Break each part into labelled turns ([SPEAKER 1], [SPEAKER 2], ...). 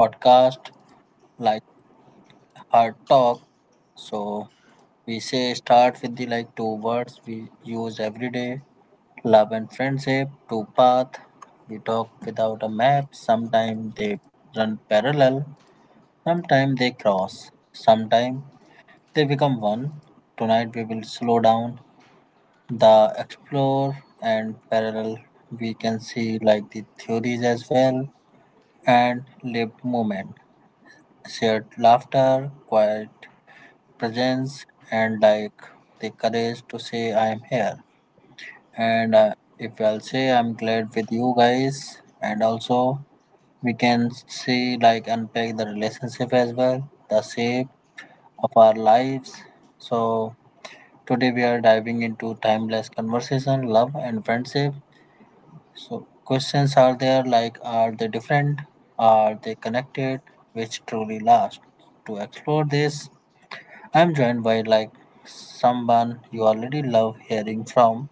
[SPEAKER 1] podcast, like Hard Talk. So we say start with the like two words we use every day, love and friendship. Two path we talk without a map. Sometimes they run parallel. Sometimes they cross. Sometimes they become one. Tonight we will slow down the explore and parallel. We can see like the theories as well and lived moment, shared laughter, quiet presence, and like the courage to say I am here. And if I'll say I'm glad with you guys, and also we can see like unpack the relationship as well, the shape of our lives. So today we are diving into timeless conversation, love, and friendship. So questions are there like are they different? Are they connected? Which truly last? To explore this, I'm joined by like someone you already love hearing from,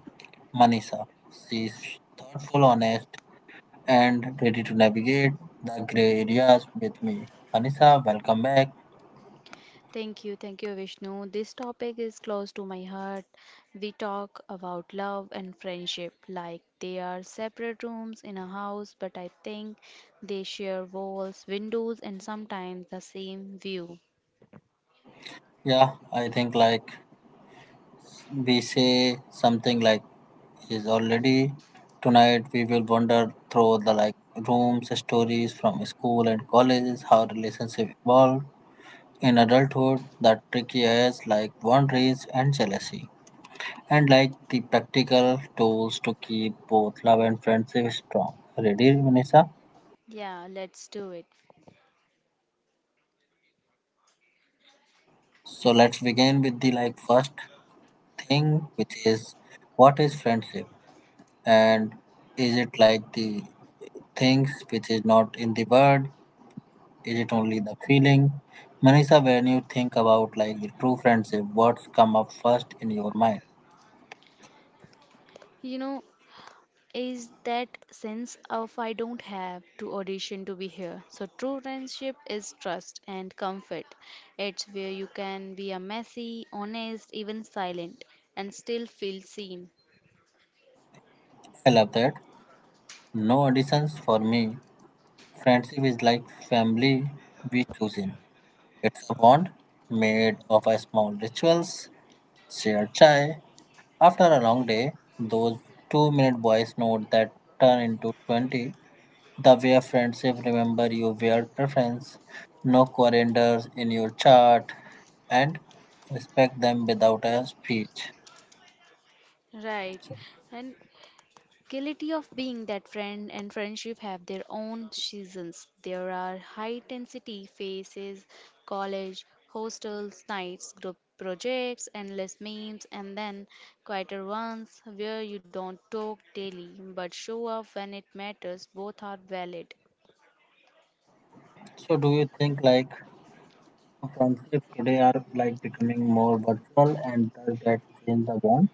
[SPEAKER 1] Manisha. She's thoughtful, honest, and ready to navigate the gray areas with me. Manisha, welcome back.
[SPEAKER 2] Thank you, Vishnu. This topic is close to my heart. We talk about love and friendship like they are separate rooms in a house, but I think they share walls, windows, and sometimes the same view.
[SPEAKER 1] Yeah, I think like we say something like is already. Tonight we will wander through the like rooms, stories from school and colleges, how relationship evolve in adulthood, the tricky areas like boundaries and jealousy, and like the practical tools to keep both love and friendship strong. Ready, Vanessa?
[SPEAKER 2] Yeah, let's do it.
[SPEAKER 1] So let's begin with the like first thing, which is what is friendship, and is it like the things which is not in the word. Is it only the feeling? Manisha, when you think about like the true friendship, words come up first in your mind.
[SPEAKER 2] You know, is that sense of I don't have to audition to be here. So, true friendship is trust and comfort. It's where you can be a messy, honest, even silent, and still feel seen.
[SPEAKER 1] I love that. No additions for me. Friendship is like family we choose in. It's a bond made of a small rituals, shared chai. After a long day, those 2 minute voice note that turn into 20. The way friendship remember you weird preference, no calendars in your chart, and respect them without a speech.
[SPEAKER 2] Right.
[SPEAKER 1] So
[SPEAKER 2] And quality of being that friend and friendship have their own seasons. There are high intensity phases, college, hostels, nights, group projects, endless memes, and then quieter ones where you don't talk daily but show up when it matters. Both are valid.
[SPEAKER 1] so do you think like friendship today are like becoming more virtual and does that change the bond?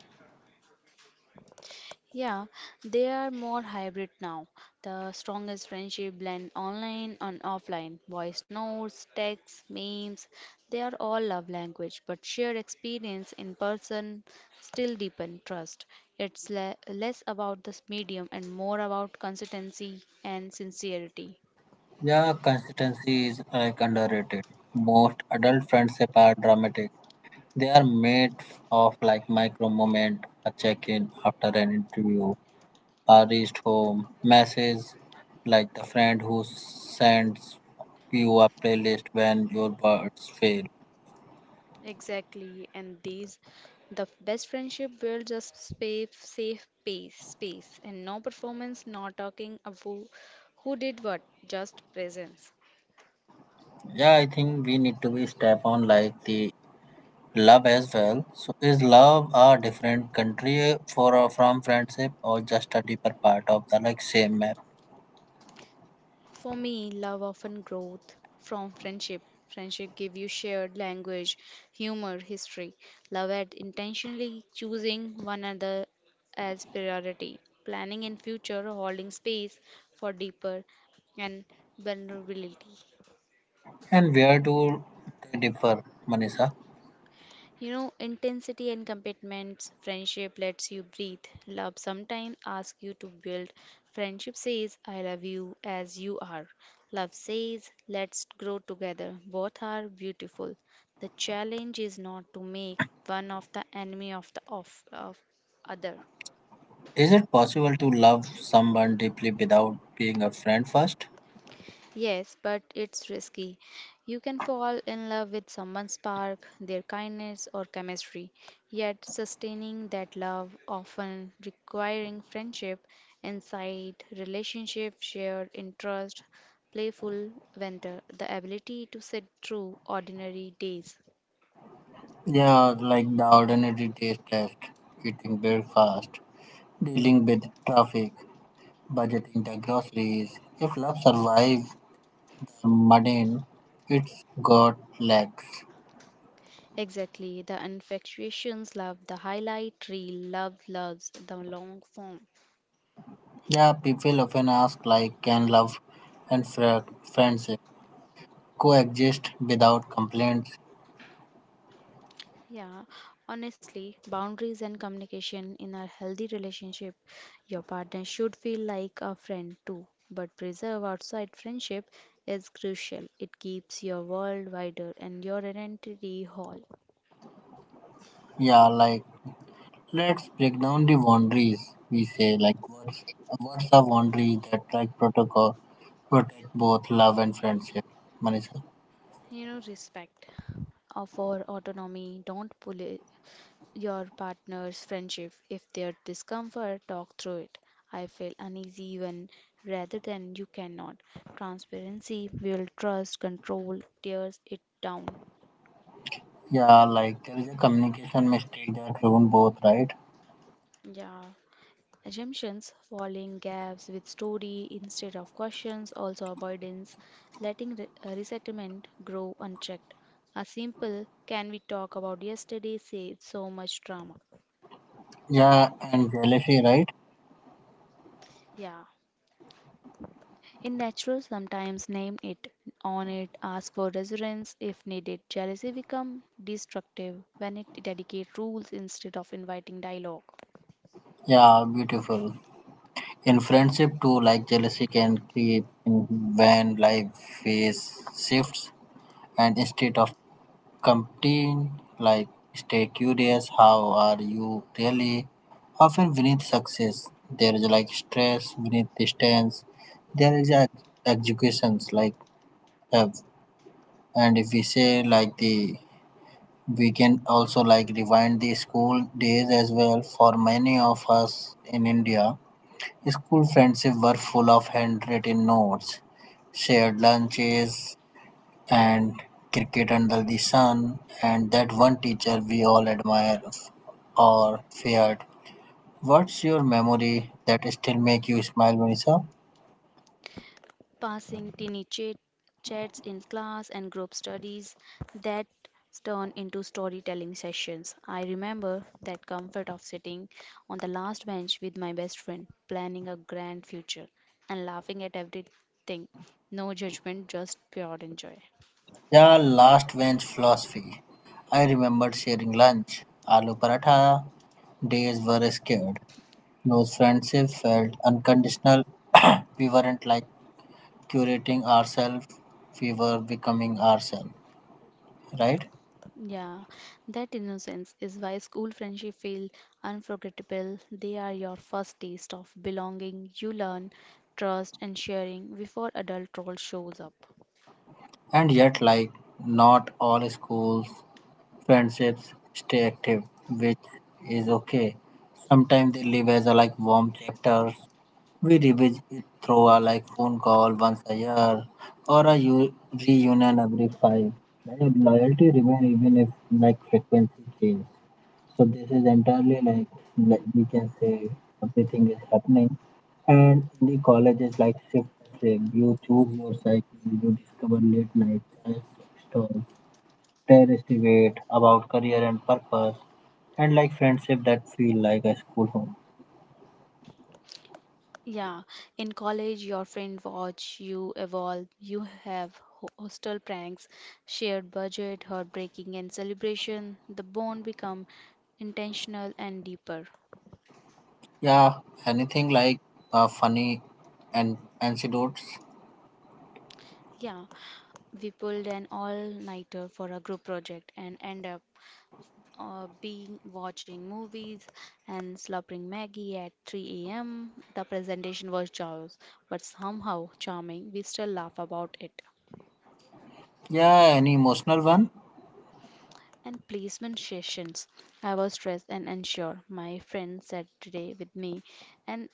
[SPEAKER 2] Yeah, they are more hybrid now. The strongest friendship blend online and offline. Voice notes, texts, memes, they are all love language, but shared experience in person still deepen trust. It's less about the medium and more about consistency and sincerity.
[SPEAKER 1] Yeah, consistency is like underrated. Most adult friendship are dramatic. They are made of like micro moment, a check-in after an interview, I reached home. Messages like the friend who sends you a playlist when your birds fail.
[SPEAKER 2] Exactly, and these the best friendship builds a safe pace, space, and no performance, no talking of who did what, just presence.
[SPEAKER 1] Yeah, I think we need to be step on like the love as well. So is love a different country for or from friendship or just a deeper part of the like same map?
[SPEAKER 2] For me, love often growth from friendship. Friendship give you shared language, humor, history. Love at intentionally choosing one another as priority, planning in future, holding space for deeper and vulnerability.
[SPEAKER 1] And where do they differ, Manisha?
[SPEAKER 2] You know, intensity and commitments, friendship lets you breathe. Love sometimes asks you to build. Friendship says, I love you as you are. Love says, let's grow together. Both are beautiful. The challenge is not to make one of the enemy of the of other.
[SPEAKER 1] Is it possible to love someone deeply without being a friend first?
[SPEAKER 2] Yes, but it's risky. You can fall in love with someone's spark, their kindness, or chemistry. Yet, sustaining that love often requiring friendship, insight, relationship, shared interest, playful banter, the ability to sit through ordinary days.
[SPEAKER 1] Yeah, like the ordinary taste test, eating breakfast. Dealing with traffic, budgeting the groceries. If love survives the mundane, it's got legs.
[SPEAKER 2] Exactly, the infatuations love, the highlight reel, love loves the long form.
[SPEAKER 1] Yeah, people often ask like, can love and friendship coexist without complaints?
[SPEAKER 2] Yeah, honestly, boundaries and communication in a healthy relationship, your partner should feel like a friend too. But preserve outside friendship is crucial. It keeps your world wider and your identity whole.
[SPEAKER 1] Yeah, like let's break down the boundaries. We say like, what's a boundary that like protocol protect both love and friendship, Manisha?
[SPEAKER 2] You know, respect of our autonomy. Don't your partner's friendship. If their discomfort, talk through it. I feel uneasy when rather than you cannot. Transparency will trust, control, tears it down.
[SPEAKER 1] Yeah, like there is a communication mistake that ruin both, right?
[SPEAKER 2] Yeah. Assumptions, falling gaps with story instead of questions, also avoidance, letting resettlement grow unchecked. A simple, can we talk about yesterday, saves so much drama.
[SPEAKER 1] Yeah, and jealousy, right?
[SPEAKER 2] Yeah. In natural, sometimes name it, own it, ask for reassurance if needed. Jealousy become destructive when it dedicate rules instead of inviting dialogue.
[SPEAKER 1] Yeah, beautiful. In friendship too, like jealousy can creep in when life phase shifts, and instead of competing, like stay curious, how are you really? Often beneath success, there is like stress beneath distance. There is executions like have, and if we say like the. We can also like rewind the school days as well. For many of us in India, school friendship were full of handwritten notes, shared lunches, and cricket under the sun, and that one teacher we all admire or feared. What's your memory that still make you smile, Manisha?
[SPEAKER 2] Passing tiny chat, chats in class and group studies that turn into storytelling sessions. I remember that comfort of sitting on the last bench with my best friend, planning a grand future and laughing at everything. No judgment, just pure enjoy.
[SPEAKER 1] Yeah, last bench philosophy. I remember sharing lunch. Aloo paratha days were scared. Those friendships felt unconditional. We weren't like curating ourselves, we were becoming ourselves, right?
[SPEAKER 2] Yeah, that innocence is why school friendship feel unforgettable. They are your first taste of belonging. You learn trust and sharing before adult role shows up.
[SPEAKER 1] And yet, like, not all schools, friendships stay active, which is okay. Sometimes they live as a, like warm chapters. We revisit it through a like phone call once a year or a reunion every five. Like, loyalty remains even if like frequency change. So this is entirely like, we can say everything is happening. And in the college is like shift frame. You choose your cycle, you discover late night chai stalls, terrorist debate about career and purpose, and like friendship that feel like a school home.
[SPEAKER 2] Yeah, in college, your friend watch you evolve. You have hostel pranks, shared budget, heartbreaking, and celebration. The bond become intentional and deeper.
[SPEAKER 1] Yeah, anything like funny and anecdotes.
[SPEAKER 2] Yeah, we pulled an all-nighter for a group project and end up being watching movies and slobbering Maggie at 3 a.m. The presentation was chaos, but somehow charming. We still laugh about it.
[SPEAKER 1] Yeah, any emotional one.
[SPEAKER 2] And placement sessions. I was stressed and unsure. My friend sat today with me, and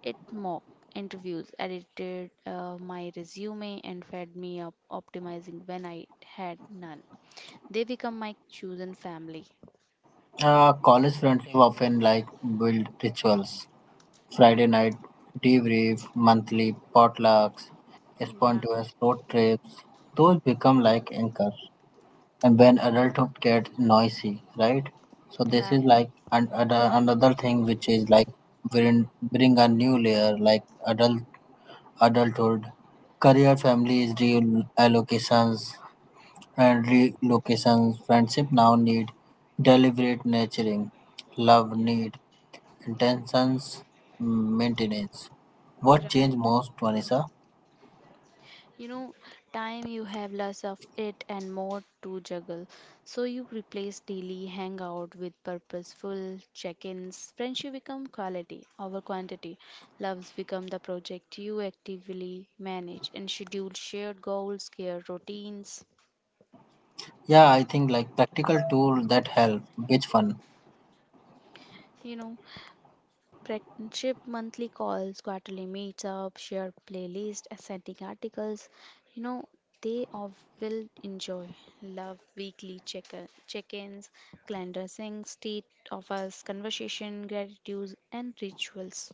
[SPEAKER 2] it mock interviews, edited my resume, and fed me up optimizing when I had none. They become my chosen family.
[SPEAKER 1] College friendship often like build rituals. Friday night debrief, monthly potlucks, spontaneous road trips. Those become like anchors. And when adulthood gets noisy, right? So this is
[SPEAKER 2] Right.
[SPEAKER 1] like another thing which is like bring a new layer like adulthood, career, families, reallocations, and relocations. Friendship now need deliberate nurturing. Love
[SPEAKER 2] Yeah.
[SPEAKER 1] need intentions maintenance. What
[SPEAKER 2] Right.
[SPEAKER 1] changed most, Vanessa?
[SPEAKER 2] You know, time you have less of it and more to juggle. So you replace daily hangout with purposeful check-ins. Friendship become quality over quantity. Loves become the project you actively manage and schedule shared goals, care routines.
[SPEAKER 1] Yeah, I think like practical tool that help. Which one?
[SPEAKER 2] You know. Friendship monthly calls, quarterly meetups, share playlists, sending articles. You know, they all will enjoy. Love weekly check-ins, calendar syncs, state of us, conversation, gratitudes, and rituals.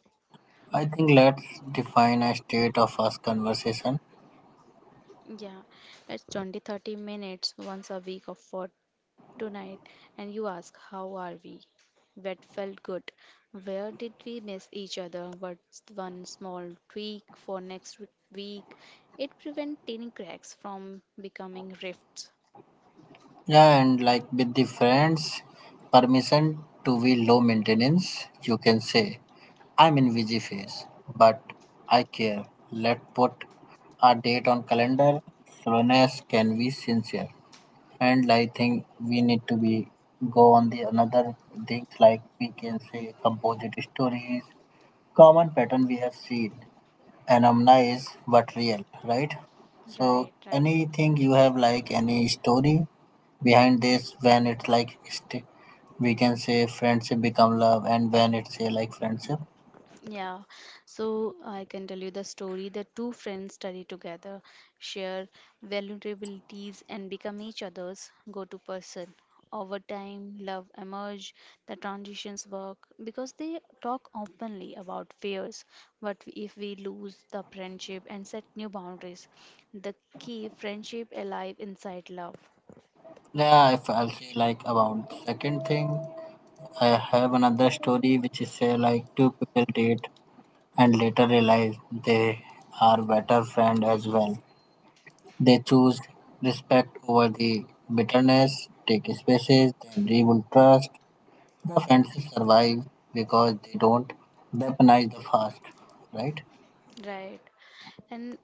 [SPEAKER 1] I think let's define a state of us conversation.
[SPEAKER 2] Yeah, it's 20-30 minutes once a week of for tonight and you ask, how are we? That felt good. Where did we miss each other? What's one small tweak for next week? It prevents tiny cracks from becoming rifts.
[SPEAKER 1] Yeah, and like with the friends, permission to be low maintenance, you can say, I'm in busy phase, but I care. Let put a date on calendar. Slowness can be sincere. And I think we need to be go on the another things like we can say composite stories, common pattern we have seen. Anamna is but real, right? So
[SPEAKER 2] Right, right.
[SPEAKER 1] anything you have like any story behind this when it's like we can say friendship become love and when it's say like friendship.
[SPEAKER 2] Yeah, so I can tell you the story. The two friends study together, share vulnerabilities, and become each other's go to person. Over time, love emerge, the transitions work because they talk openly about fears. But if we lose the friendship and set new boundaries? The key friendship alive inside love.
[SPEAKER 1] Yeah, if I'll say like about second thing, I have another story which is say like two people date and later realize they are better friend as well. They choose respect over the bitterness, take spaces, they rebuild trust. The fancies survive because they don't weaponize the past, right?
[SPEAKER 2] Right. And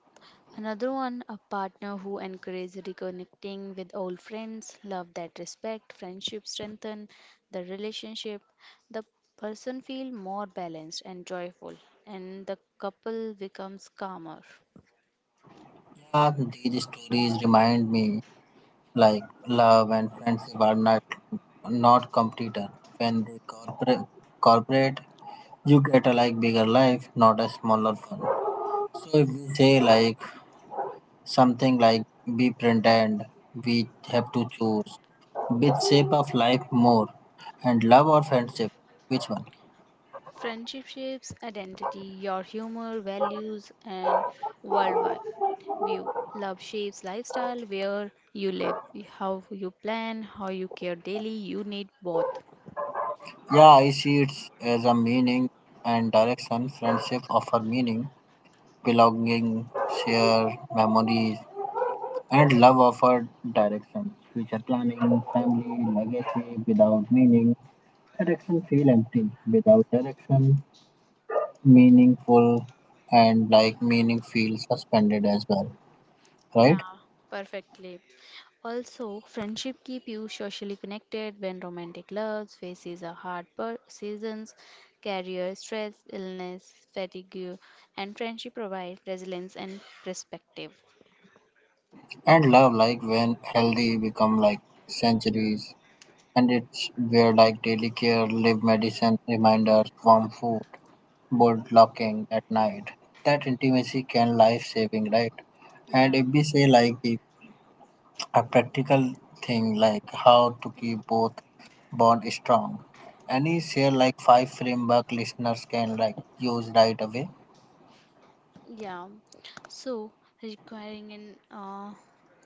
[SPEAKER 2] another one, a partner who encourages reconnecting with old friends, love that respect, friendship strengthen the relationship, the person feel more balanced and joyful, and the couple becomes calmer.
[SPEAKER 1] Yeah, these stories remind me like love and friendship are not competitor. When they corporate, you get a like bigger life, not a smaller one. So if we say like something like we pretend we have to choose which shape of life more and love or friendship, which one?
[SPEAKER 2] Friendship shapes identity, your humor, values, and worldwide view. Love shapes lifestyle where you live, how you plan, how you care daily. You need both.
[SPEAKER 1] Yeah, I see it as a meaning and direction. Friendship offer meaning, belonging, share memories, and love offer direction. Future planning, family, legacy without meaning. Direction feel empty. Without direction, meaningful and like meaning feel suspended as well.
[SPEAKER 2] Yeah,
[SPEAKER 1] Right?
[SPEAKER 2] perfectly. Also, friendship keep you socially connected when romantic loves faces a hard seasons, career stress, illness, fatigue, and friendship provide resilience and perspective.
[SPEAKER 1] And love like when healthy become like centuries. And it's where like daily care, live medicine, reminders, warm food, bolt locking at night. That intimacy can life saving, right?
[SPEAKER 2] Yeah.
[SPEAKER 1] And if we say like the a practical thing like how to keep both bond strong. Any share like five framework listeners can like use right away.
[SPEAKER 2] Yeah, so requiring an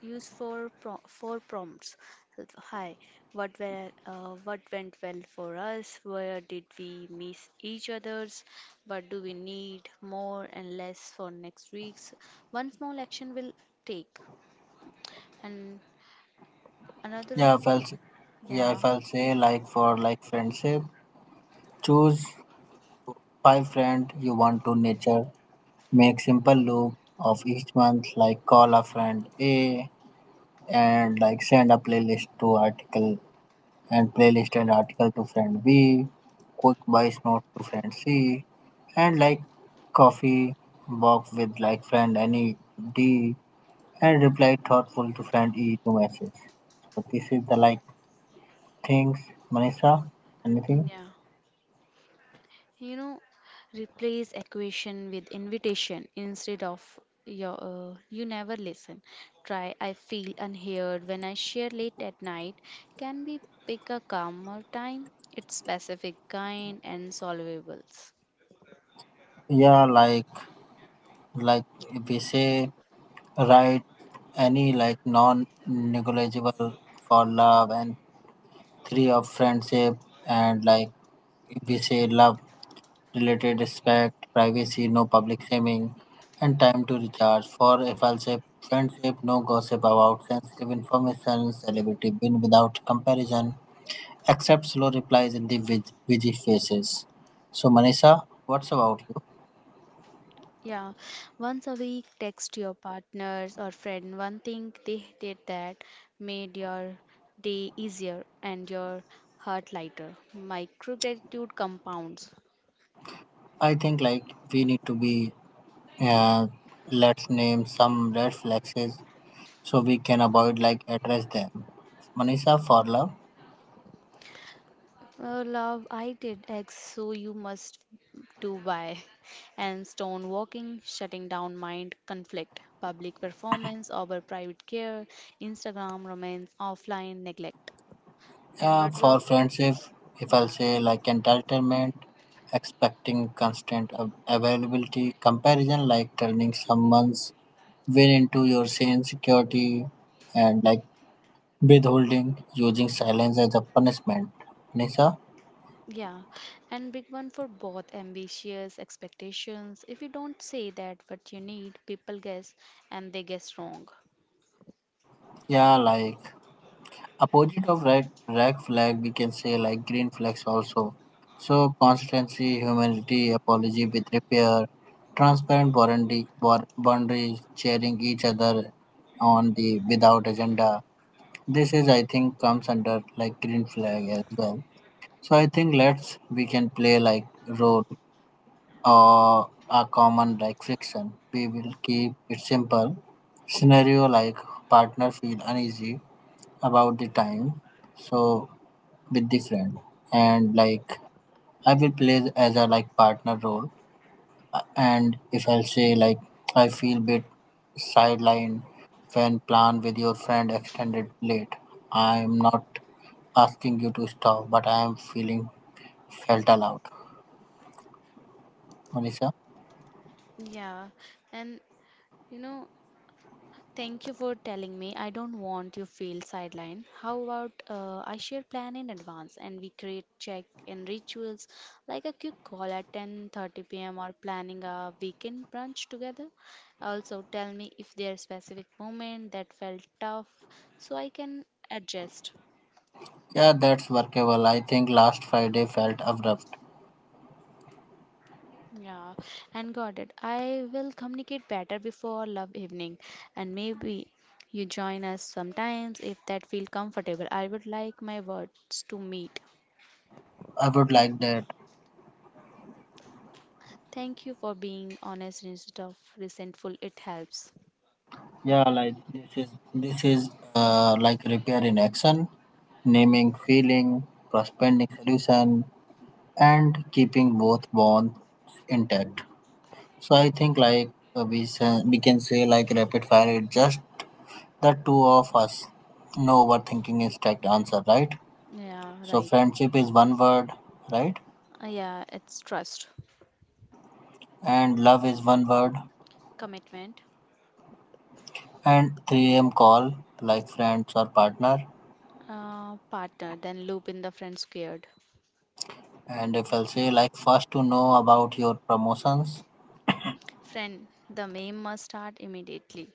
[SPEAKER 2] use for pro for prompts. Hi, what went well for us? Where did we miss each other's? What do we need more and less for next week's? One small action will take, and another
[SPEAKER 1] Yeah, if
[SPEAKER 2] one,
[SPEAKER 1] I'll say, yeah,
[SPEAKER 2] yeah,
[SPEAKER 1] if I'll say like for like friendship, choose five friend you want to nurture. Make simple loop of each month like call a friend A and like send a playlist to article and playlist and article to friend B, quick buys note to friend C and like coffee box with like friend any D and reply thoughtful to friend E to message. So this is the like things Manisha anything?
[SPEAKER 2] yeah, you know, replace equation with invitation instead of you never listen. Try, I feel unheard when I share late at night. Can we pick a calmer time? It's specific, kind, and solvables.
[SPEAKER 1] Yeah like if we say. Write any like non negligible for love and three of friendship and like we say love related respect, privacy, no public shaming, and time to recharge. For if a say friendship, no gossip about sensitive information, celebrity win without comparison, except slow replies in the busy faces. So Manisha, what's about you?
[SPEAKER 2] Yeah, once a week, text your partners or friend one thing they did that made your day easier and your heart lighter. Micro gratitude compounds.
[SPEAKER 1] I think like we need to be uh, let's name some red flags so we can avoid like address them. Manisha for love,
[SPEAKER 2] Oh, love, I did X, so you must do Y. And stone walking, shutting down mind conflict, public performance over private care, Instagram romance, offline neglect. And
[SPEAKER 1] yeah,
[SPEAKER 2] what
[SPEAKER 1] for
[SPEAKER 2] about,
[SPEAKER 1] friendship, if I'll
[SPEAKER 2] yeah,
[SPEAKER 1] say like entitlement, expecting constant availability, comparison like turning someone's win into your same security, and like withholding, using silence as a punishment. Manisha,
[SPEAKER 2] yeah, and big one for both ambitious expectations. If you don't say that what you need, people guess and they guess wrong.
[SPEAKER 1] yeah, like opposite of red flag we can say like green flags also, so consistency, humility apology with repair, transparent boundary boundaries, cheering each other on the without agenda. This is I think comes under like green flag as well. So I think let's we can play like role or a common like fiction, we will keep it simple. Scenario like partner feel uneasy about the time so with the friend, and like I will play as a like partner role. And if I'll say like I feel bit sidelined when plan with your friend extended late, I'm not asking you to stop but I am feeling felt aloud, Manisha.
[SPEAKER 2] Yeah, and you know, thank you for telling me. I don't want you feel sidelined. How about I share plan in advance and we create check in rituals like a quick call at 10:30 p.m. or planning a weekend brunch together. Also tell me if there are specific moment that felt tough so I can adjust.
[SPEAKER 1] Yeah, that's workable, I think last Friday felt abrupt.
[SPEAKER 2] Yeah, and got it. I will communicate better before love evening and maybe you join us sometimes if that feel comfortable. I would like my words to meet
[SPEAKER 1] I would like that.
[SPEAKER 2] thank you for being honest instead of resentful. It helps.
[SPEAKER 1] Yeah, like this is like repair in action, naming feeling, prospending solution, and keeping both bonds intact. So I think like we we can say like rapid fire is just the two of us. No overthinking is correct answer, right?
[SPEAKER 2] Yeah,
[SPEAKER 1] So
[SPEAKER 2] right.
[SPEAKER 1] friendship is one word, right?
[SPEAKER 2] Yeah, it's trust,
[SPEAKER 1] And love is one word.
[SPEAKER 2] commitment,
[SPEAKER 1] And 3 a.m. call like friends or partner.
[SPEAKER 2] partner, then loop in the friend squared.
[SPEAKER 1] And if I'll say like first to know about your promotions.
[SPEAKER 2] Friend, the meme must start immediately.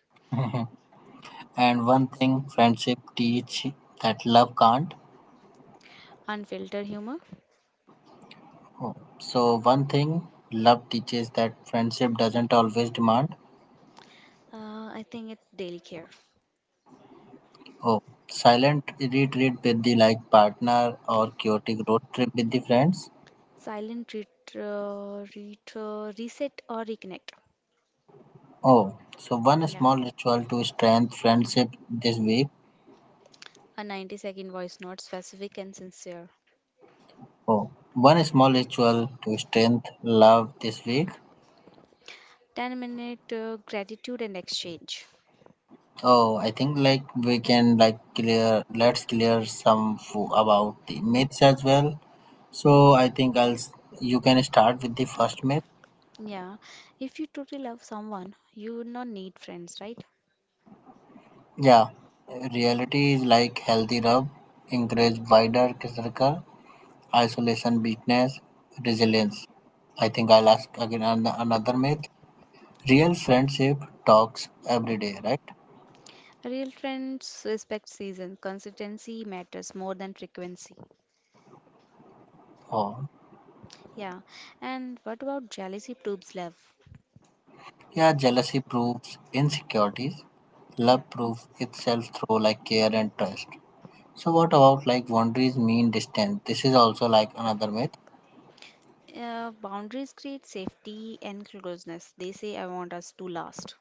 [SPEAKER 1] And one thing friendship teach that love can't.
[SPEAKER 2] Unfiltered humor.
[SPEAKER 1] Oh, so one thing love teaches that friendship doesn't always demand.
[SPEAKER 2] I think it's daily care.
[SPEAKER 1] Oh, silent retreat with the like partner or chaotic road trip with the friends.
[SPEAKER 2] Silent reset or reconnect
[SPEAKER 1] Oh, so one
[SPEAKER 2] yeah
[SPEAKER 1] small ritual to strengthen friendship this week.
[SPEAKER 2] a 90-second voice note specific and sincere
[SPEAKER 1] Oh, one small ritual to strengthen love this week.
[SPEAKER 2] 10 minute gratitude and exchange.
[SPEAKER 1] Oh, I think like we can like clear. Let's clear some about the myths as well. So I think You can start with the first myth.
[SPEAKER 2] Yeah, if you truly love someone, you would not need friends, right?
[SPEAKER 1] Yeah, reality is like healthy rub, encourage wider circle, isolation, weakness, resilience. I think I'll ask again another myth. Real friendship talks every day, right?
[SPEAKER 2] Real friends respect season. Consistency matters more than frequency.
[SPEAKER 1] Oh,
[SPEAKER 2] Yeah, and what about jealousy proves love?
[SPEAKER 1] yeah, jealousy proves insecurities.
[SPEAKER 2] Yeah.
[SPEAKER 1] Love proves itself through like care and trust. So what about like boundaries mean distance? This is also like another myth.
[SPEAKER 2] Boundaries create safety and closeness. They say, I want us to last.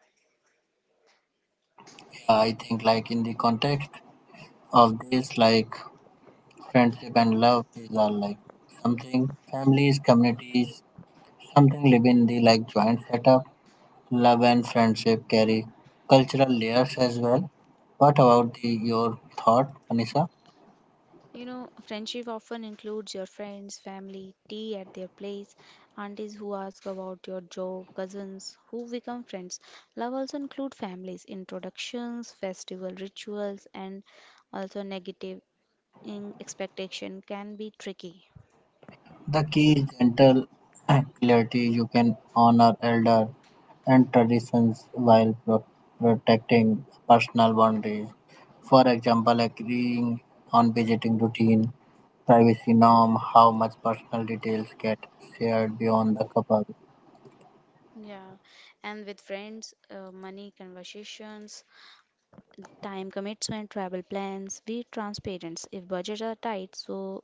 [SPEAKER 1] Yeah, I think like in the context of this, like friendship and love is all like something families, communities, something live in the like joint setup. Love and friendship carry cultural layers as well. What about the, your thought, Anissa?
[SPEAKER 2] You know, friendship often includes your friends, family, tea at their place, aunties who ask about your job, cousins who become friends. Love also includes families, introductions, festival rituals, and also negative in expectation can be tricky.
[SPEAKER 1] The key is gentle clarity. You can honor elder and traditions while protecting personal boundaries. For example, agreeing on visiting routine, privacy norm, how much personal details get shared beyond the couple.
[SPEAKER 2] Yeah, and with friends, money conversations, time commitment travel plans be transparent if budgets are tight so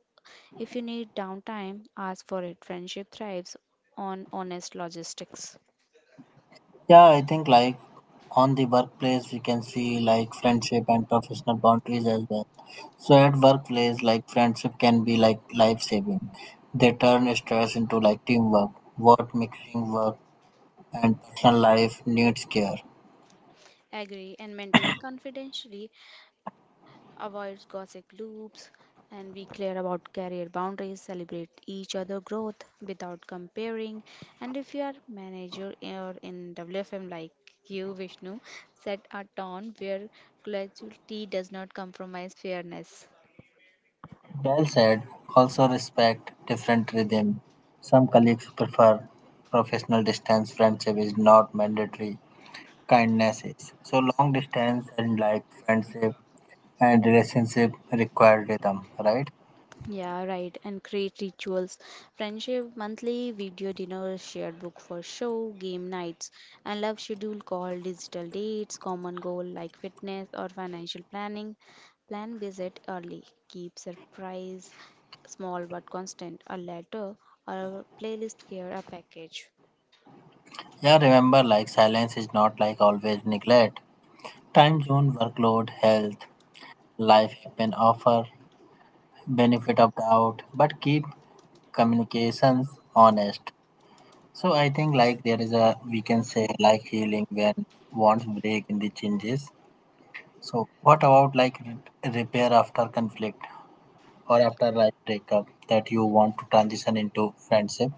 [SPEAKER 2] if you need downtime ask for it friendship thrives on honest logistics
[SPEAKER 1] Yeah, I think like on the workplace we can see like friendship and professional boundaries as well. So at workplace like friendship can be like life saving. They turn stress into like teamwork, work mixing work and personal life needs care.
[SPEAKER 2] agree and maintaining confidentially avoids gossip loops and be clear about career boundaries celebrate each other growth without comparing and if you are manager or in wfm like you Vishnu set a tone where graduality does not compromise fairness.
[SPEAKER 1] Well said, also respect different rhythm. Some colleagues prefer professional distance, friendship is not mandatory, kindness is. So long distance and like friendship and relationship required rhythm, right?
[SPEAKER 2] Yeah, right. And create rituals. Friendship monthly, video dinner shared book for show, game nights, and love schedule call digital dates, common goal like fitness or financial planning. Plan visit early. Keep surprise small but constant. A letter or a playlist here a package.
[SPEAKER 1] Yeah, remember like silence is not like always neglect. Time zone, workload, health, life can offer benefit of doubt, but keep communications honest. So I think like there is a we can say like healing when wants break in the changes. So what about like repair after conflict or after like breakup that you want to transition into friendship?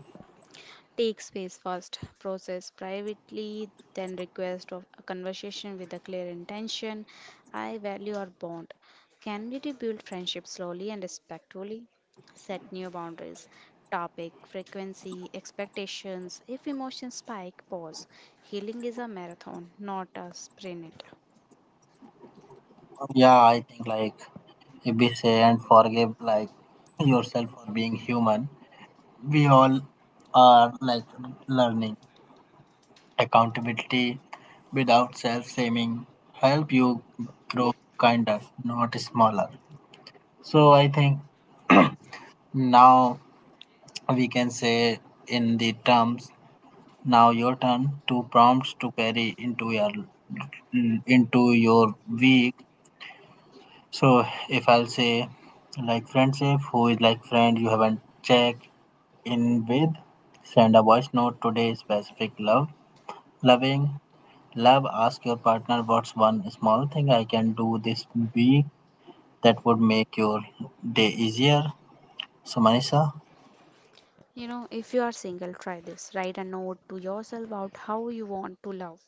[SPEAKER 2] Take space first, process privately, then request of a conversation with a clear intention. I value our bond. Can we rebuild friendship slowly and respectfully? Set new boundaries. Topic, frequency, expectations. If emotions spike, pause. Healing is a marathon, not a sprint.
[SPEAKER 1] Yeah, I think like be say and forgive like yourself for being human. We all are like learning. Accountability without self shaming help you grow kinder, not smaller. So I think now we can say in the terms now your turn two prompts to carry into your week. So if I'll say like friendship, who is like friend you haven't checked in with, send a voice note today specific love. Loving love ask your partner what's one small thing I can do this week that would make your day easier. So Manisha?
[SPEAKER 2] You know, if you are single, try this. Write a note to yourself about how you want to love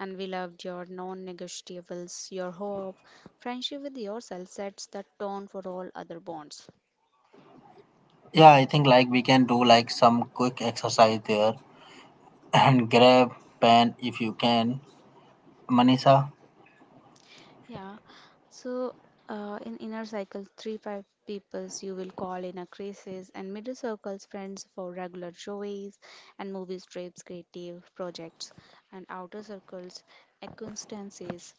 [SPEAKER 2] and we loved your non negotiables, your hope. Friendship with yourself sets the tone for all other bonds.
[SPEAKER 1] Yeah, I think like we can do like some quick exercise there and grab pen if you can. Manisha?
[SPEAKER 2] Yeah. So, in inner circle, 3-5 peoples you will call in a crisis, and middle circles friends for regular shows and movies, trips, creative projects, and outer circles acquaintances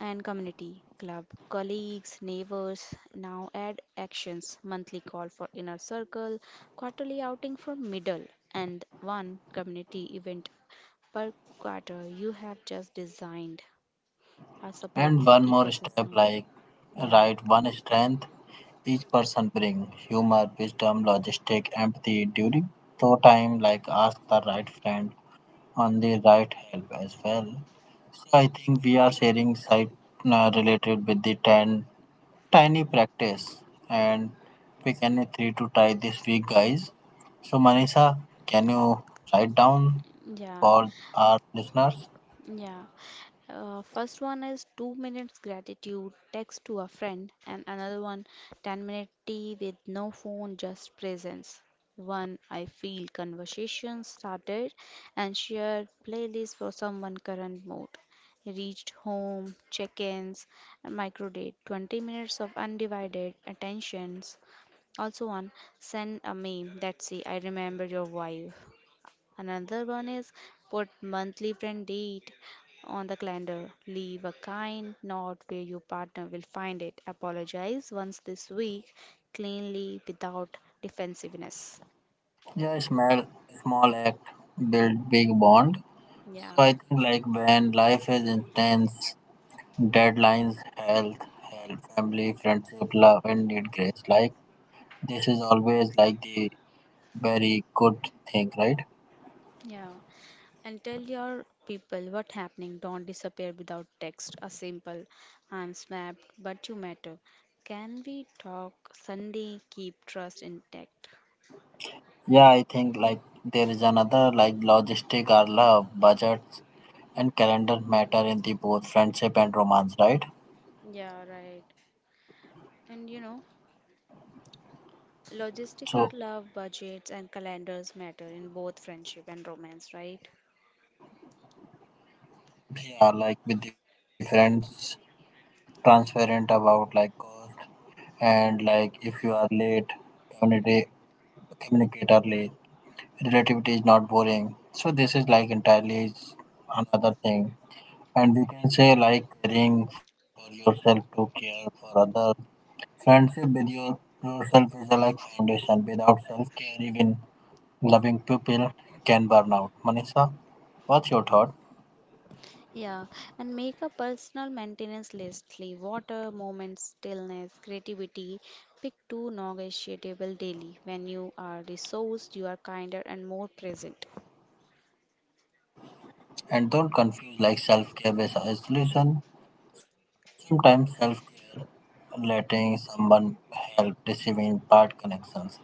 [SPEAKER 2] and community club, colleagues, neighbors. Now add actions, monthly call for inner circle, quarterly outing for middle, and one community event per quarter. You have just designed a
[SPEAKER 1] And
[SPEAKER 2] supportive
[SPEAKER 1] one more step
[SPEAKER 2] ecosystem.
[SPEAKER 1] like
[SPEAKER 2] Yeah,
[SPEAKER 1] right one strength each person bring humor, wisdom, logistic, empathy during so time like ask the right friend on the right help as well. So I think we are sharing site related with the ten tiny practice and pick any three to try this week guys. So Manisha, can you write down
[SPEAKER 2] yeah.
[SPEAKER 1] for our listeners?
[SPEAKER 2] Yeah. First one is 2 minutes gratitude, text to a friend, and another one 10-minute tea with no phone, just presence. One, I feel conversation started and shared playlist for someone current mood. Reached home, check ins, micro date, 20 minutes of undivided attentions. Also, one, send a meme. That's it, I remember your wife. Another one is put monthly friend date on the calendar. Leave a kind note where your partner will find it. Apologize once this week, cleanly without defensiveness.
[SPEAKER 1] Yeah, small act build big bond. So
[SPEAKER 2] Yeah,
[SPEAKER 1] I think like when life is intense, deadlines, health, health, family, friendship, love, and need grace. Like this is always like the very good thing, right?
[SPEAKER 2] yeah. And tell your people what happening. Don't disappear without text. A simple, I'm smacked, but you matter. Can we talk Sunday? Keep trust intact.
[SPEAKER 1] Yeah, I think like there is another like logistic or love, budgets, and calendar matter in the both friendship and romance, right?
[SPEAKER 2] Yeah, right. And you know, logistics are
[SPEAKER 1] So
[SPEAKER 2] love, budgets, and calendars matter in both friendship and romance, right?
[SPEAKER 1] we are like with the friends transparent about like cost and like if you are late, communicate communicate early relativity is not boring. So this is like entirely is another thing. And we can say like caring for yourself to care for others. Friendship with your yourself is a like foundation. Without self care even loving people can burn out. Manisha, what's your thought?
[SPEAKER 2] Yeah, and make a personal maintenance list. Leave water, moments, stillness, creativity. Pick two negotiable daily. When you are resourced, you are kinder and more present.
[SPEAKER 1] And don't confuse like self care with isolation. Sometimes self care letting someone help receiving bad connections, right?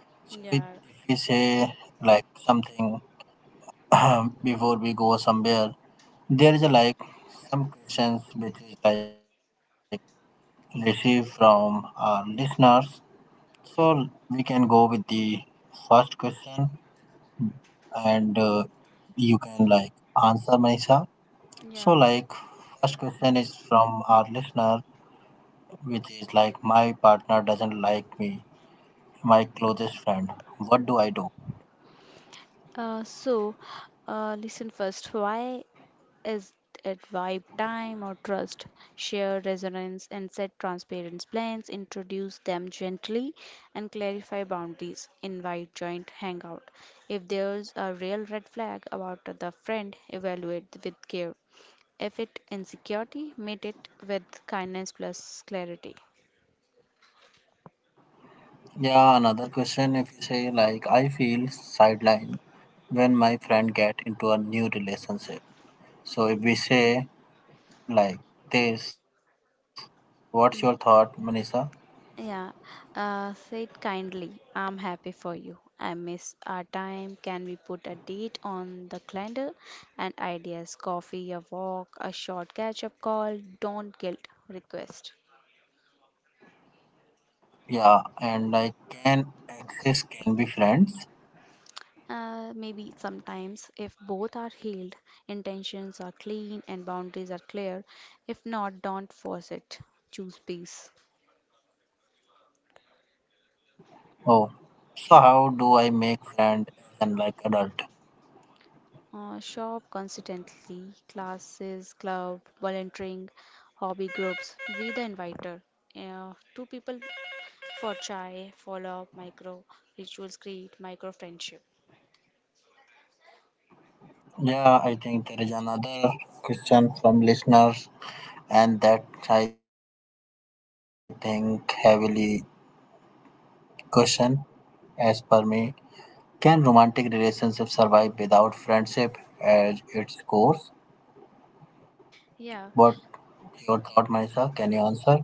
[SPEAKER 1] So if
[SPEAKER 2] Yeah,
[SPEAKER 1] we say like something before we go somewhere, there is a like some questions which is like received from our listeners. So we can go with the first question, and you can like answer Manisha. So
[SPEAKER 2] yeah.
[SPEAKER 1] like first question is from our listener, which is like my partner doesn't like me, my closest friend. What do I do?
[SPEAKER 2] Uh, so, listen first. Why is it vibe, time, or trust? Share resonance and set transparent plans, introduce them gently, and clarify boundaries. Invite joint hangout. If there's a real red flag about the friend, evaluate with care. If it insecurity, meet it with kindness plus clarity.
[SPEAKER 1] Yeah, another question if you say like I feel sidelined when my friend get into a new relationship. So if we say like this, what's your thought,
[SPEAKER 2] Yeah.
[SPEAKER 1] Manisha?
[SPEAKER 2] Yeah, say it kindly. I'm happy for you. I miss our time. Can we put a date on the calendar? And ideas, coffee, a walk, a short catch-up call. Don't guilt request.
[SPEAKER 1] Yeah, and like can exes can be friends?
[SPEAKER 2] Maybe sometimes, if both are healed, intentions are clean and boundaries are clear. If not, don't force it. Choose peace.
[SPEAKER 1] Oh, so how do I make friend and like adult?
[SPEAKER 2] Shop consistently, classes, club, volunteering, hobby groups. Be the inviter. Two people for chai, follow up, micro rituals create micro friendship.
[SPEAKER 1] Yeah, I think there is another question from listeners, and that I think heavily question as per me. Can romantic relationships survive without friendship as its core?
[SPEAKER 2] Yeah,
[SPEAKER 1] What your thought, Manisha? Can you answer?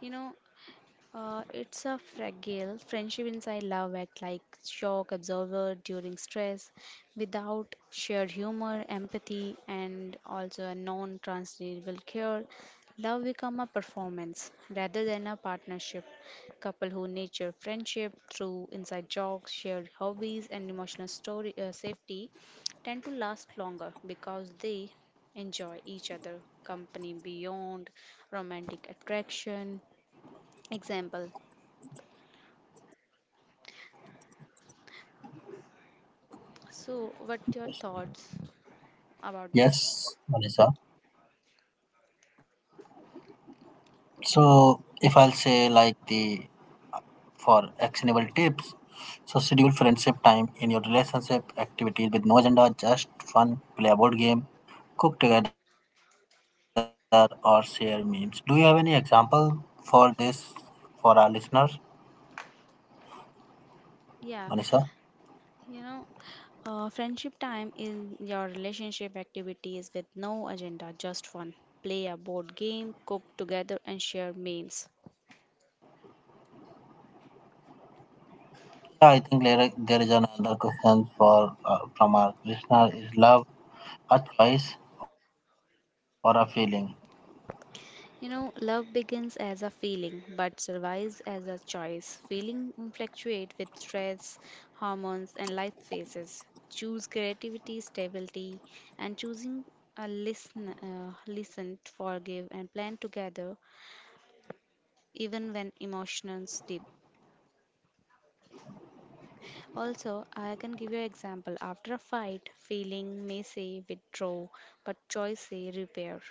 [SPEAKER 2] you know, it's a fragile friendship inside love act like shock absorber during stress without shared humor, empathy, and also a non transferable care. Love become a performance rather than a partnership. Couple who nurture friendship through inside jokes, shared hobbies, and emotional story safety tend to last longer because they enjoy each other company beyond romantic attraction example. So, what your thoughts
[SPEAKER 1] Yes, Manisha.
[SPEAKER 2] about this?
[SPEAKER 1] So, if I'll say like the for actionable tips, so schedule friendship time in your relationship activities with no agenda, just fun, play a board game, cook together, or share memes. Do you have any example for this for our listeners, Manisha?
[SPEAKER 2] Yeah, you know, friendship time is your relationship activities with no agenda, just fun. Play a board game, cook together, and share memes.
[SPEAKER 1] Yeah, I think there is another question for from our listener: Is love a choice or a feeling?
[SPEAKER 2] You know, love begins as a feeling but survives as a choice. Feeling fluctuate with stress, hormones, and life phases. Choose creativity, stability, and choosing a listen, forgive, and plan together even when emotions deep. Also, I can give you an example. After a fight, feeling may say withdraw, but choice say repair.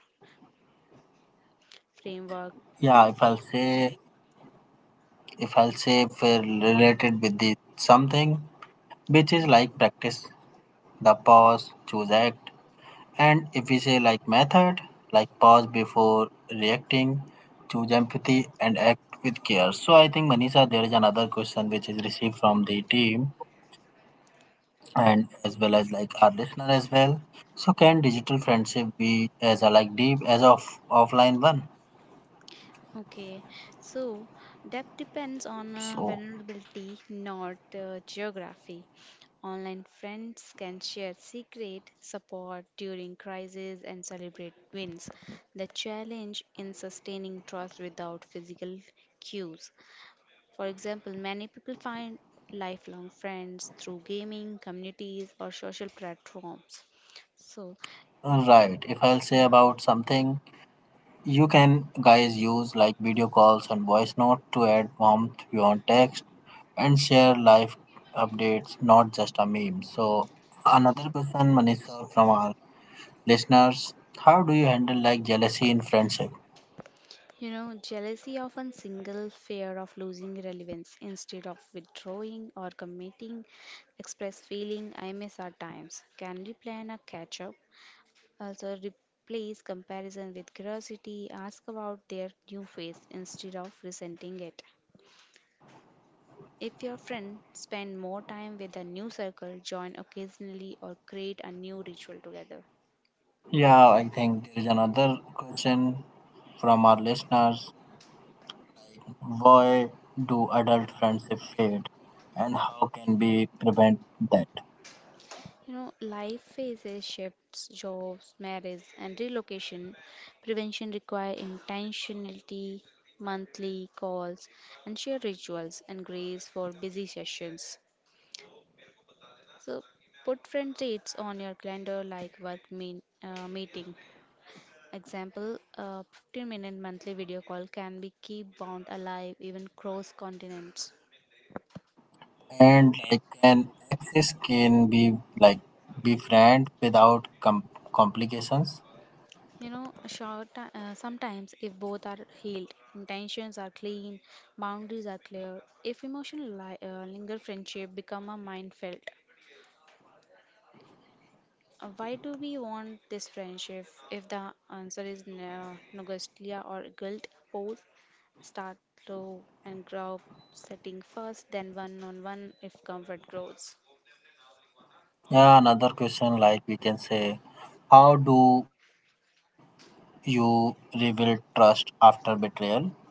[SPEAKER 2] Framework.
[SPEAKER 1] Yeah, if I'll say if we're related with the something which is like practice, the pause, choose act, and if we say like method, like pause before reacting, choose empathy, and act with care. So I think Manisha, there is another question which is received from the team, and as well as like our listener as well. So can digital friendship be as a like deep as of offline one?
[SPEAKER 2] Okay, so depth depends on
[SPEAKER 1] So
[SPEAKER 2] vulnerability, not geography. Online friends can share secret support during crises and celebrate wins. The challenge in sustaining trust without physical cues. For example, many people find lifelong friends through gaming, communities, or social platforms. So, you,
[SPEAKER 1] right, if I'll say
[SPEAKER 2] yeah.
[SPEAKER 1] about something, you can guys use like video calls and voice note to add warmth beyond text and share life updates, not just a meme. So another question, Manisha, from our listeners: How do you handle like jealousy in friendship?
[SPEAKER 2] You know, jealousy often single fear of losing relevance instead of withdrawing or committing. Express feeling I miss our times. Can we plan a catch up? Also, replace comparison with curiosity. Ask about their new phase instead of resenting it. If your friend spend more time with a new circle, join occasionally or create a new ritual together.
[SPEAKER 1] Yeah, I think there is another question from our listeners. Why do adult friendships fade and how can we prevent that?
[SPEAKER 2] You know, life phases, shifts, jobs, marriage, and relocation. Prevention require intentionality, monthly calls, and shared rituals and grace for busy sessions. So, put friend dates on your calendar like work meeting. Example, a 15-minute monthly video call can be keep bond alive even cross continents.
[SPEAKER 1] And like an access can be like befriend without complications.
[SPEAKER 2] You know, sometimes if both are healed, intentions are clean, boundaries are clear, if emotion linger, friendship become a mind felt. Why do we want this friendship if the answer is no, nostalgia or guilt? Pose, start low and grow, setting first, then one on one if comfort grows.
[SPEAKER 1] Yeah, another question like we can say how do you rebuild trust after betrayal, Anissa?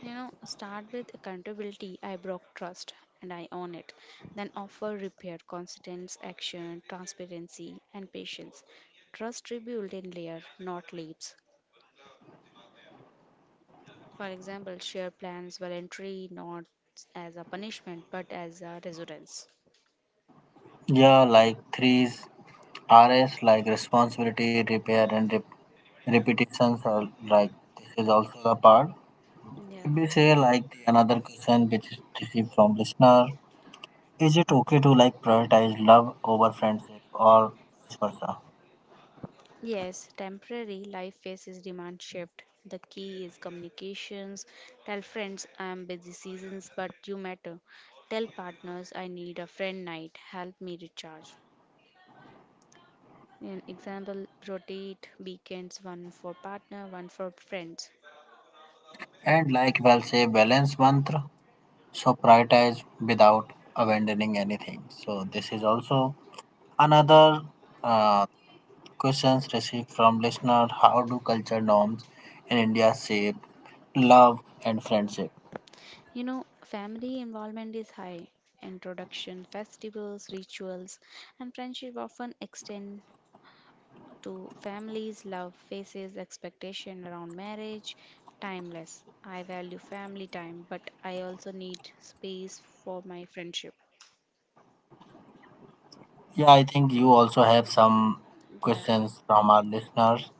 [SPEAKER 2] You know, start with accountability. I broke trust and I own it. Then offer repair, consistent action, transparency, and patience. Trust rebuilt in layer, not leaps. For example, share plans voluntary, not as a punishment, but as a resonance.
[SPEAKER 1] Yeah, like threes RS like responsibility, repair, and repetitions are like this is also a part. If
[SPEAKER 2] Yeah.
[SPEAKER 1] we say like the another question which is received from listener, is it okay to like prioritize love over friendship or vice versa?
[SPEAKER 2] Yes, temporary life phases demand shift. The key is communications. Tell friends I am busy seasons, but you matter. Tell partners I need a friend night. Help me recharge. An example rotate weekends one for partner, one for friends.
[SPEAKER 1] And like well say balance mantra, so prioritize without abandoning anything. So this is also another uh, questions received from listener. How do culture norms in India shape love and friendship?
[SPEAKER 2] You know, family involvement is high. Introduction, festivals, rituals, and friendship often extend to families, love faces expectation around marriage, timeless. I value family time, but I also need space for my friendship.
[SPEAKER 1] Yeah, I think you also have some
[SPEAKER 2] Yeah.
[SPEAKER 1] questions from our listeners.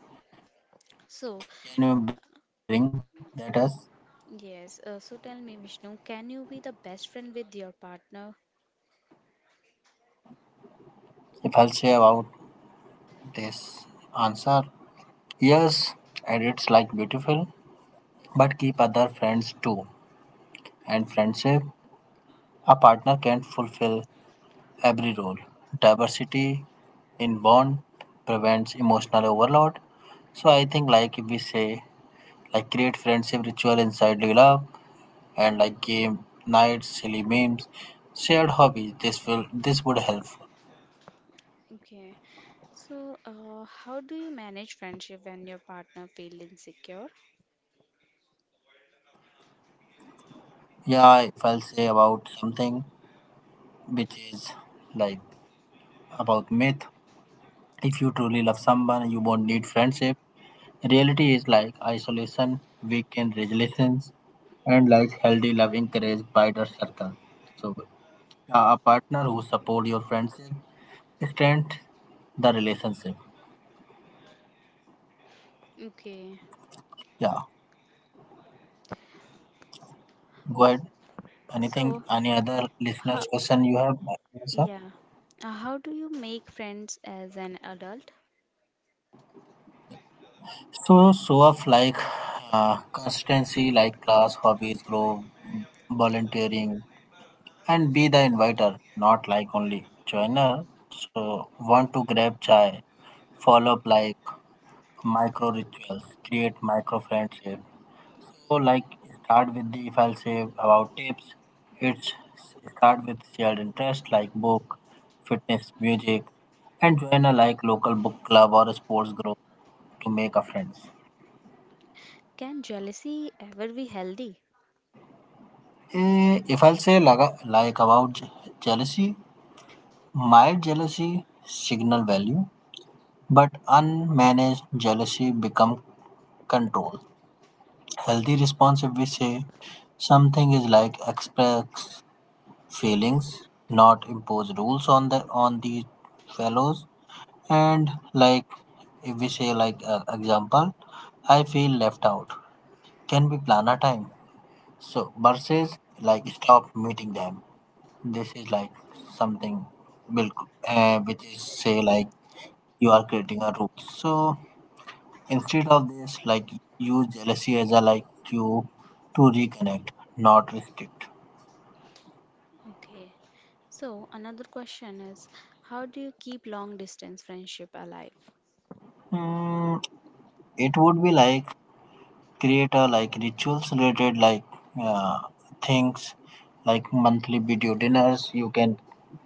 [SPEAKER 1] Can you bring
[SPEAKER 2] So,
[SPEAKER 1] that us?
[SPEAKER 2] yes. So tell me, Vishnu, can you be the best friend with your partner?
[SPEAKER 1] If I'll say about this answer, yes, and it's like beautiful, but keep other friends too. And friendship, a partner can't fulfill every role. Diversity in bond prevents emotional overload. So I think like if we say like create friendship ritual inside your love and like game nights, silly memes, shared hobbies. This would help.
[SPEAKER 2] Okay. So, how do you manage friendship when your partner feels insecure?
[SPEAKER 1] Yeah, if I'll say about something which is like about myth. If you truly love someone, you won't need friendship. Reality is like isolation, weekend resolutions, and like healthy love encourage wider circle. So a partner who support your friendship strength the relationship.
[SPEAKER 2] Okay.
[SPEAKER 1] Yeah, go ahead. Anything,
[SPEAKER 2] So,
[SPEAKER 1] any other listeners'
[SPEAKER 2] how,
[SPEAKER 1] question you have, sir?
[SPEAKER 2] yeah. How do you make friends as an adult?
[SPEAKER 1] So, show off like consistency, like class, hobbies, grow, volunteering, and be the inviter, not like only joiner. So, want to grab chai, follow up like micro rituals, create micro friendship. So like start with the if I'll say about tips, it's start with shared interest like book, fitness, music, and join a like local book club or a sports group to make a friends.
[SPEAKER 2] Can jealousy ever be healthy?
[SPEAKER 1] Eh, if I'll say like about jealousy, mild jealousy signal value, but unmanaged jealousy become control. Healthy response if we say something is like express feelings, not impose rules on the on these fellows. And like if we say like example, I feel left out. Can we plan a time? So versus like stop meeting them. This is like something will which is say like you are creating a rule. So instead of this, like use jealousy as a like you to reconnect, not restrict.
[SPEAKER 2] Okay. So another question is, how do you keep long distance friendship alive?
[SPEAKER 1] Mm, it would be like create a like rituals related like uh, things like monthly video dinners, you can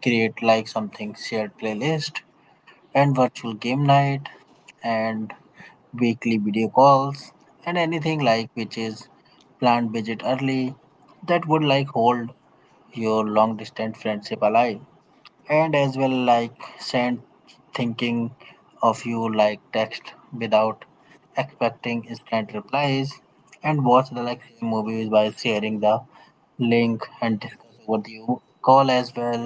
[SPEAKER 1] create like something shared playlist and virtual game night and weekly video calls and anything like which is planned visit early that would like hold your long distance friendship alive, and as well like send thinking of you like text without expecting instant replies and watch the like same movies by sharing the link and discuss over the call as well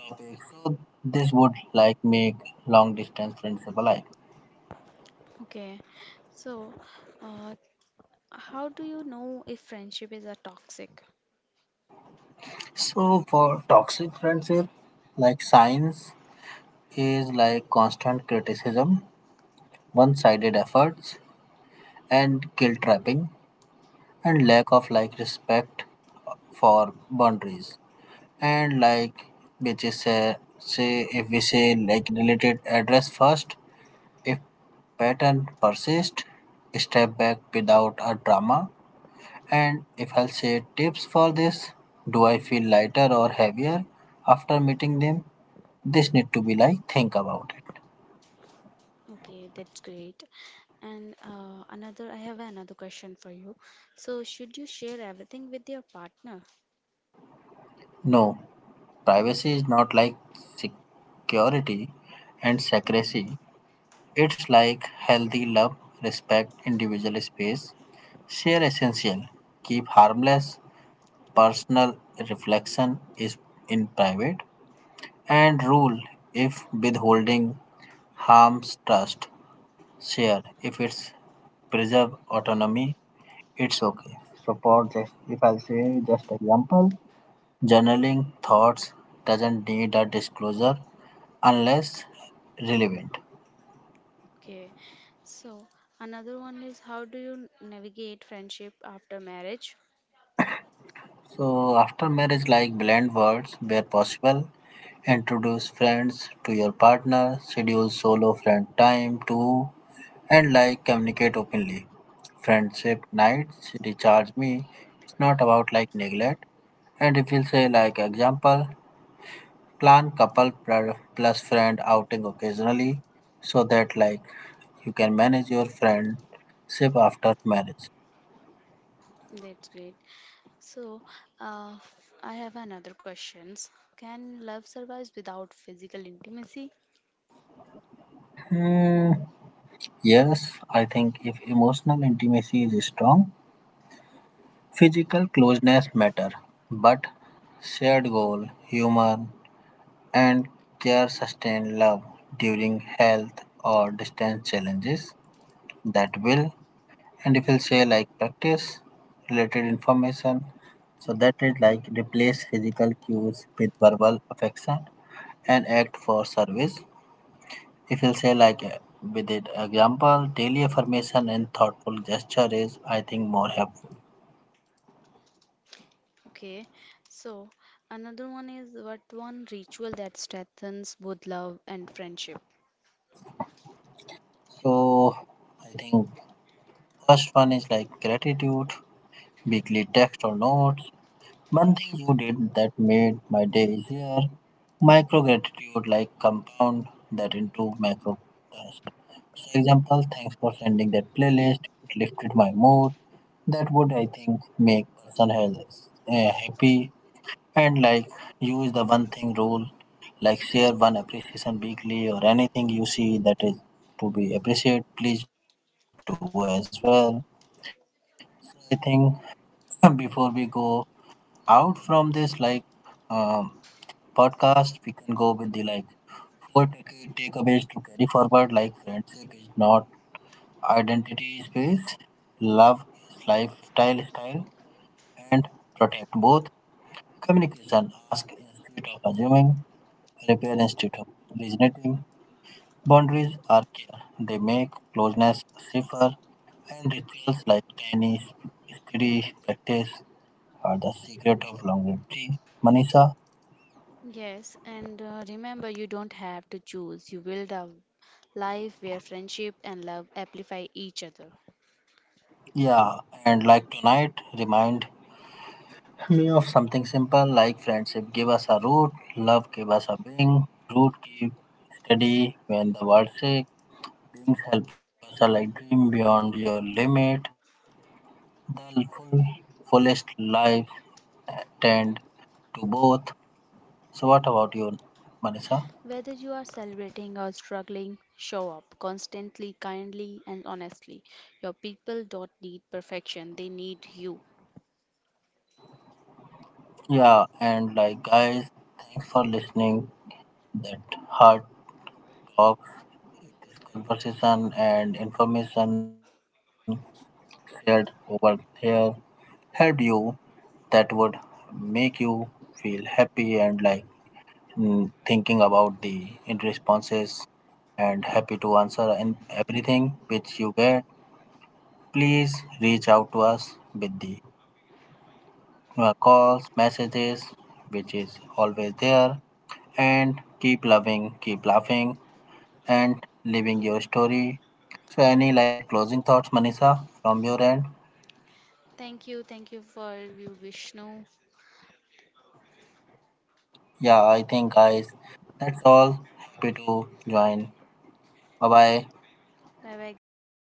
[SPEAKER 1] topics. So this would like make long distance friendship alive.
[SPEAKER 2] Okay. So, uh, how do you know if friendship is a toxic?
[SPEAKER 1] So for toxic friendship like science is like constant criticism, one-sided efforts, and guilt trapping, and lack of like respect for boundaries, and like which is say if we say like related address first, if pattern persist, step back without a drama. And if I'll say tips for this, do I feel lighter or heavier after meeting them, this need to be like think about it.
[SPEAKER 2] Okay, that's great. And another, I have another question for you. So, should you share everything with your partner?
[SPEAKER 1] No, privacy is not like security and secrecy. It's like healthy love, respect individual space, share essential, keep harmless, personal reflection is in private, and rule if withholding harms trust, share if it's preserve autonomy, it's okay. Support just if I say just example, journaling thoughts doesn't need a disclosure unless relevant.
[SPEAKER 2] Okay. So, another one is, how do you navigate friendship after marriage?
[SPEAKER 1] So after marriage, like blend words where possible, introduce friends to your partner, schedule solo friend time too, and like communicate openly. Friendship nights recharge me. It's not about like neglect. And if you say like example, plan couple plus friend outing occasionally, so that like you can manage your friendship after marriage.
[SPEAKER 2] That's great. So, uh, I have another questions. Can love survive without physical intimacy?
[SPEAKER 1] Hmm, yes, I think if emotional intimacy is strong, physical closeness matter. But shared goal, humor, and care sustain love during health or distance challenges that will. And if you'll say like practice related information, so that is like replace physical cues with verbal affection and act for service. If you'll say like with it example, daily affirmation and thoughtful gesture is I think more helpful.
[SPEAKER 2] Okay. So, another one is what one ritual that strengthens both love and friendship.
[SPEAKER 1] So I think first one is like gratitude, weekly text or notes. One thing you did that made my day easier. Micro gratitude like compound that into macro task. So example, thanks for sending that playlist. It lifted my mood. That would I think make person health happy. And like use the one thing rule, like share one appreciation weekly or anything you see that is to be appreciated, please do as well. I think before we go out from this like um, podcast, we can go with the like four takeaways to carry forward. Like friendship is not identity space, love is lifestyle style, and protect both communication. Ask instead of assuming Repair Institute. Regenerative boundaries are care. They make closeness safer, and rituals like tiny steady practice are the secret of longevity. Manisha,
[SPEAKER 2] Yes, and remember, you don't have to choose. You build a life where friendship and love amplify each other.
[SPEAKER 1] yeah, and like tonight, remind me of something simple like friendship. Give us a root, love give us a wing, root keep steady when the world shakes, wings help us a like dream beyond your limit. The full, fullest life tend to both. So, what about you, Manisha?
[SPEAKER 2] Whether you are celebrating or struggling, show up constantly, kindly, and honestly. Your people don't need perfection, they need you.
[SPEAKER 1] Yeah, and like, guys, thanks for listening. That hard talks, conversation, and information shared over here helped you that would make you feel happy and like mm, thinking about the in responses and happy to answer and everything which you get, please reach out to us with the calls, messages, which is always there. And keep loving, keep laughing, and living your story. So, any like closing thoughts, Manisha, from your end?
[SPEAKER 2] Thank you. Thank you for you, Vishnu.
[SPEAKER 1] Yeah, I think, guys, that's all. Happy to join. Bye bye.
[SPEAKER 2] Bye bye, guys.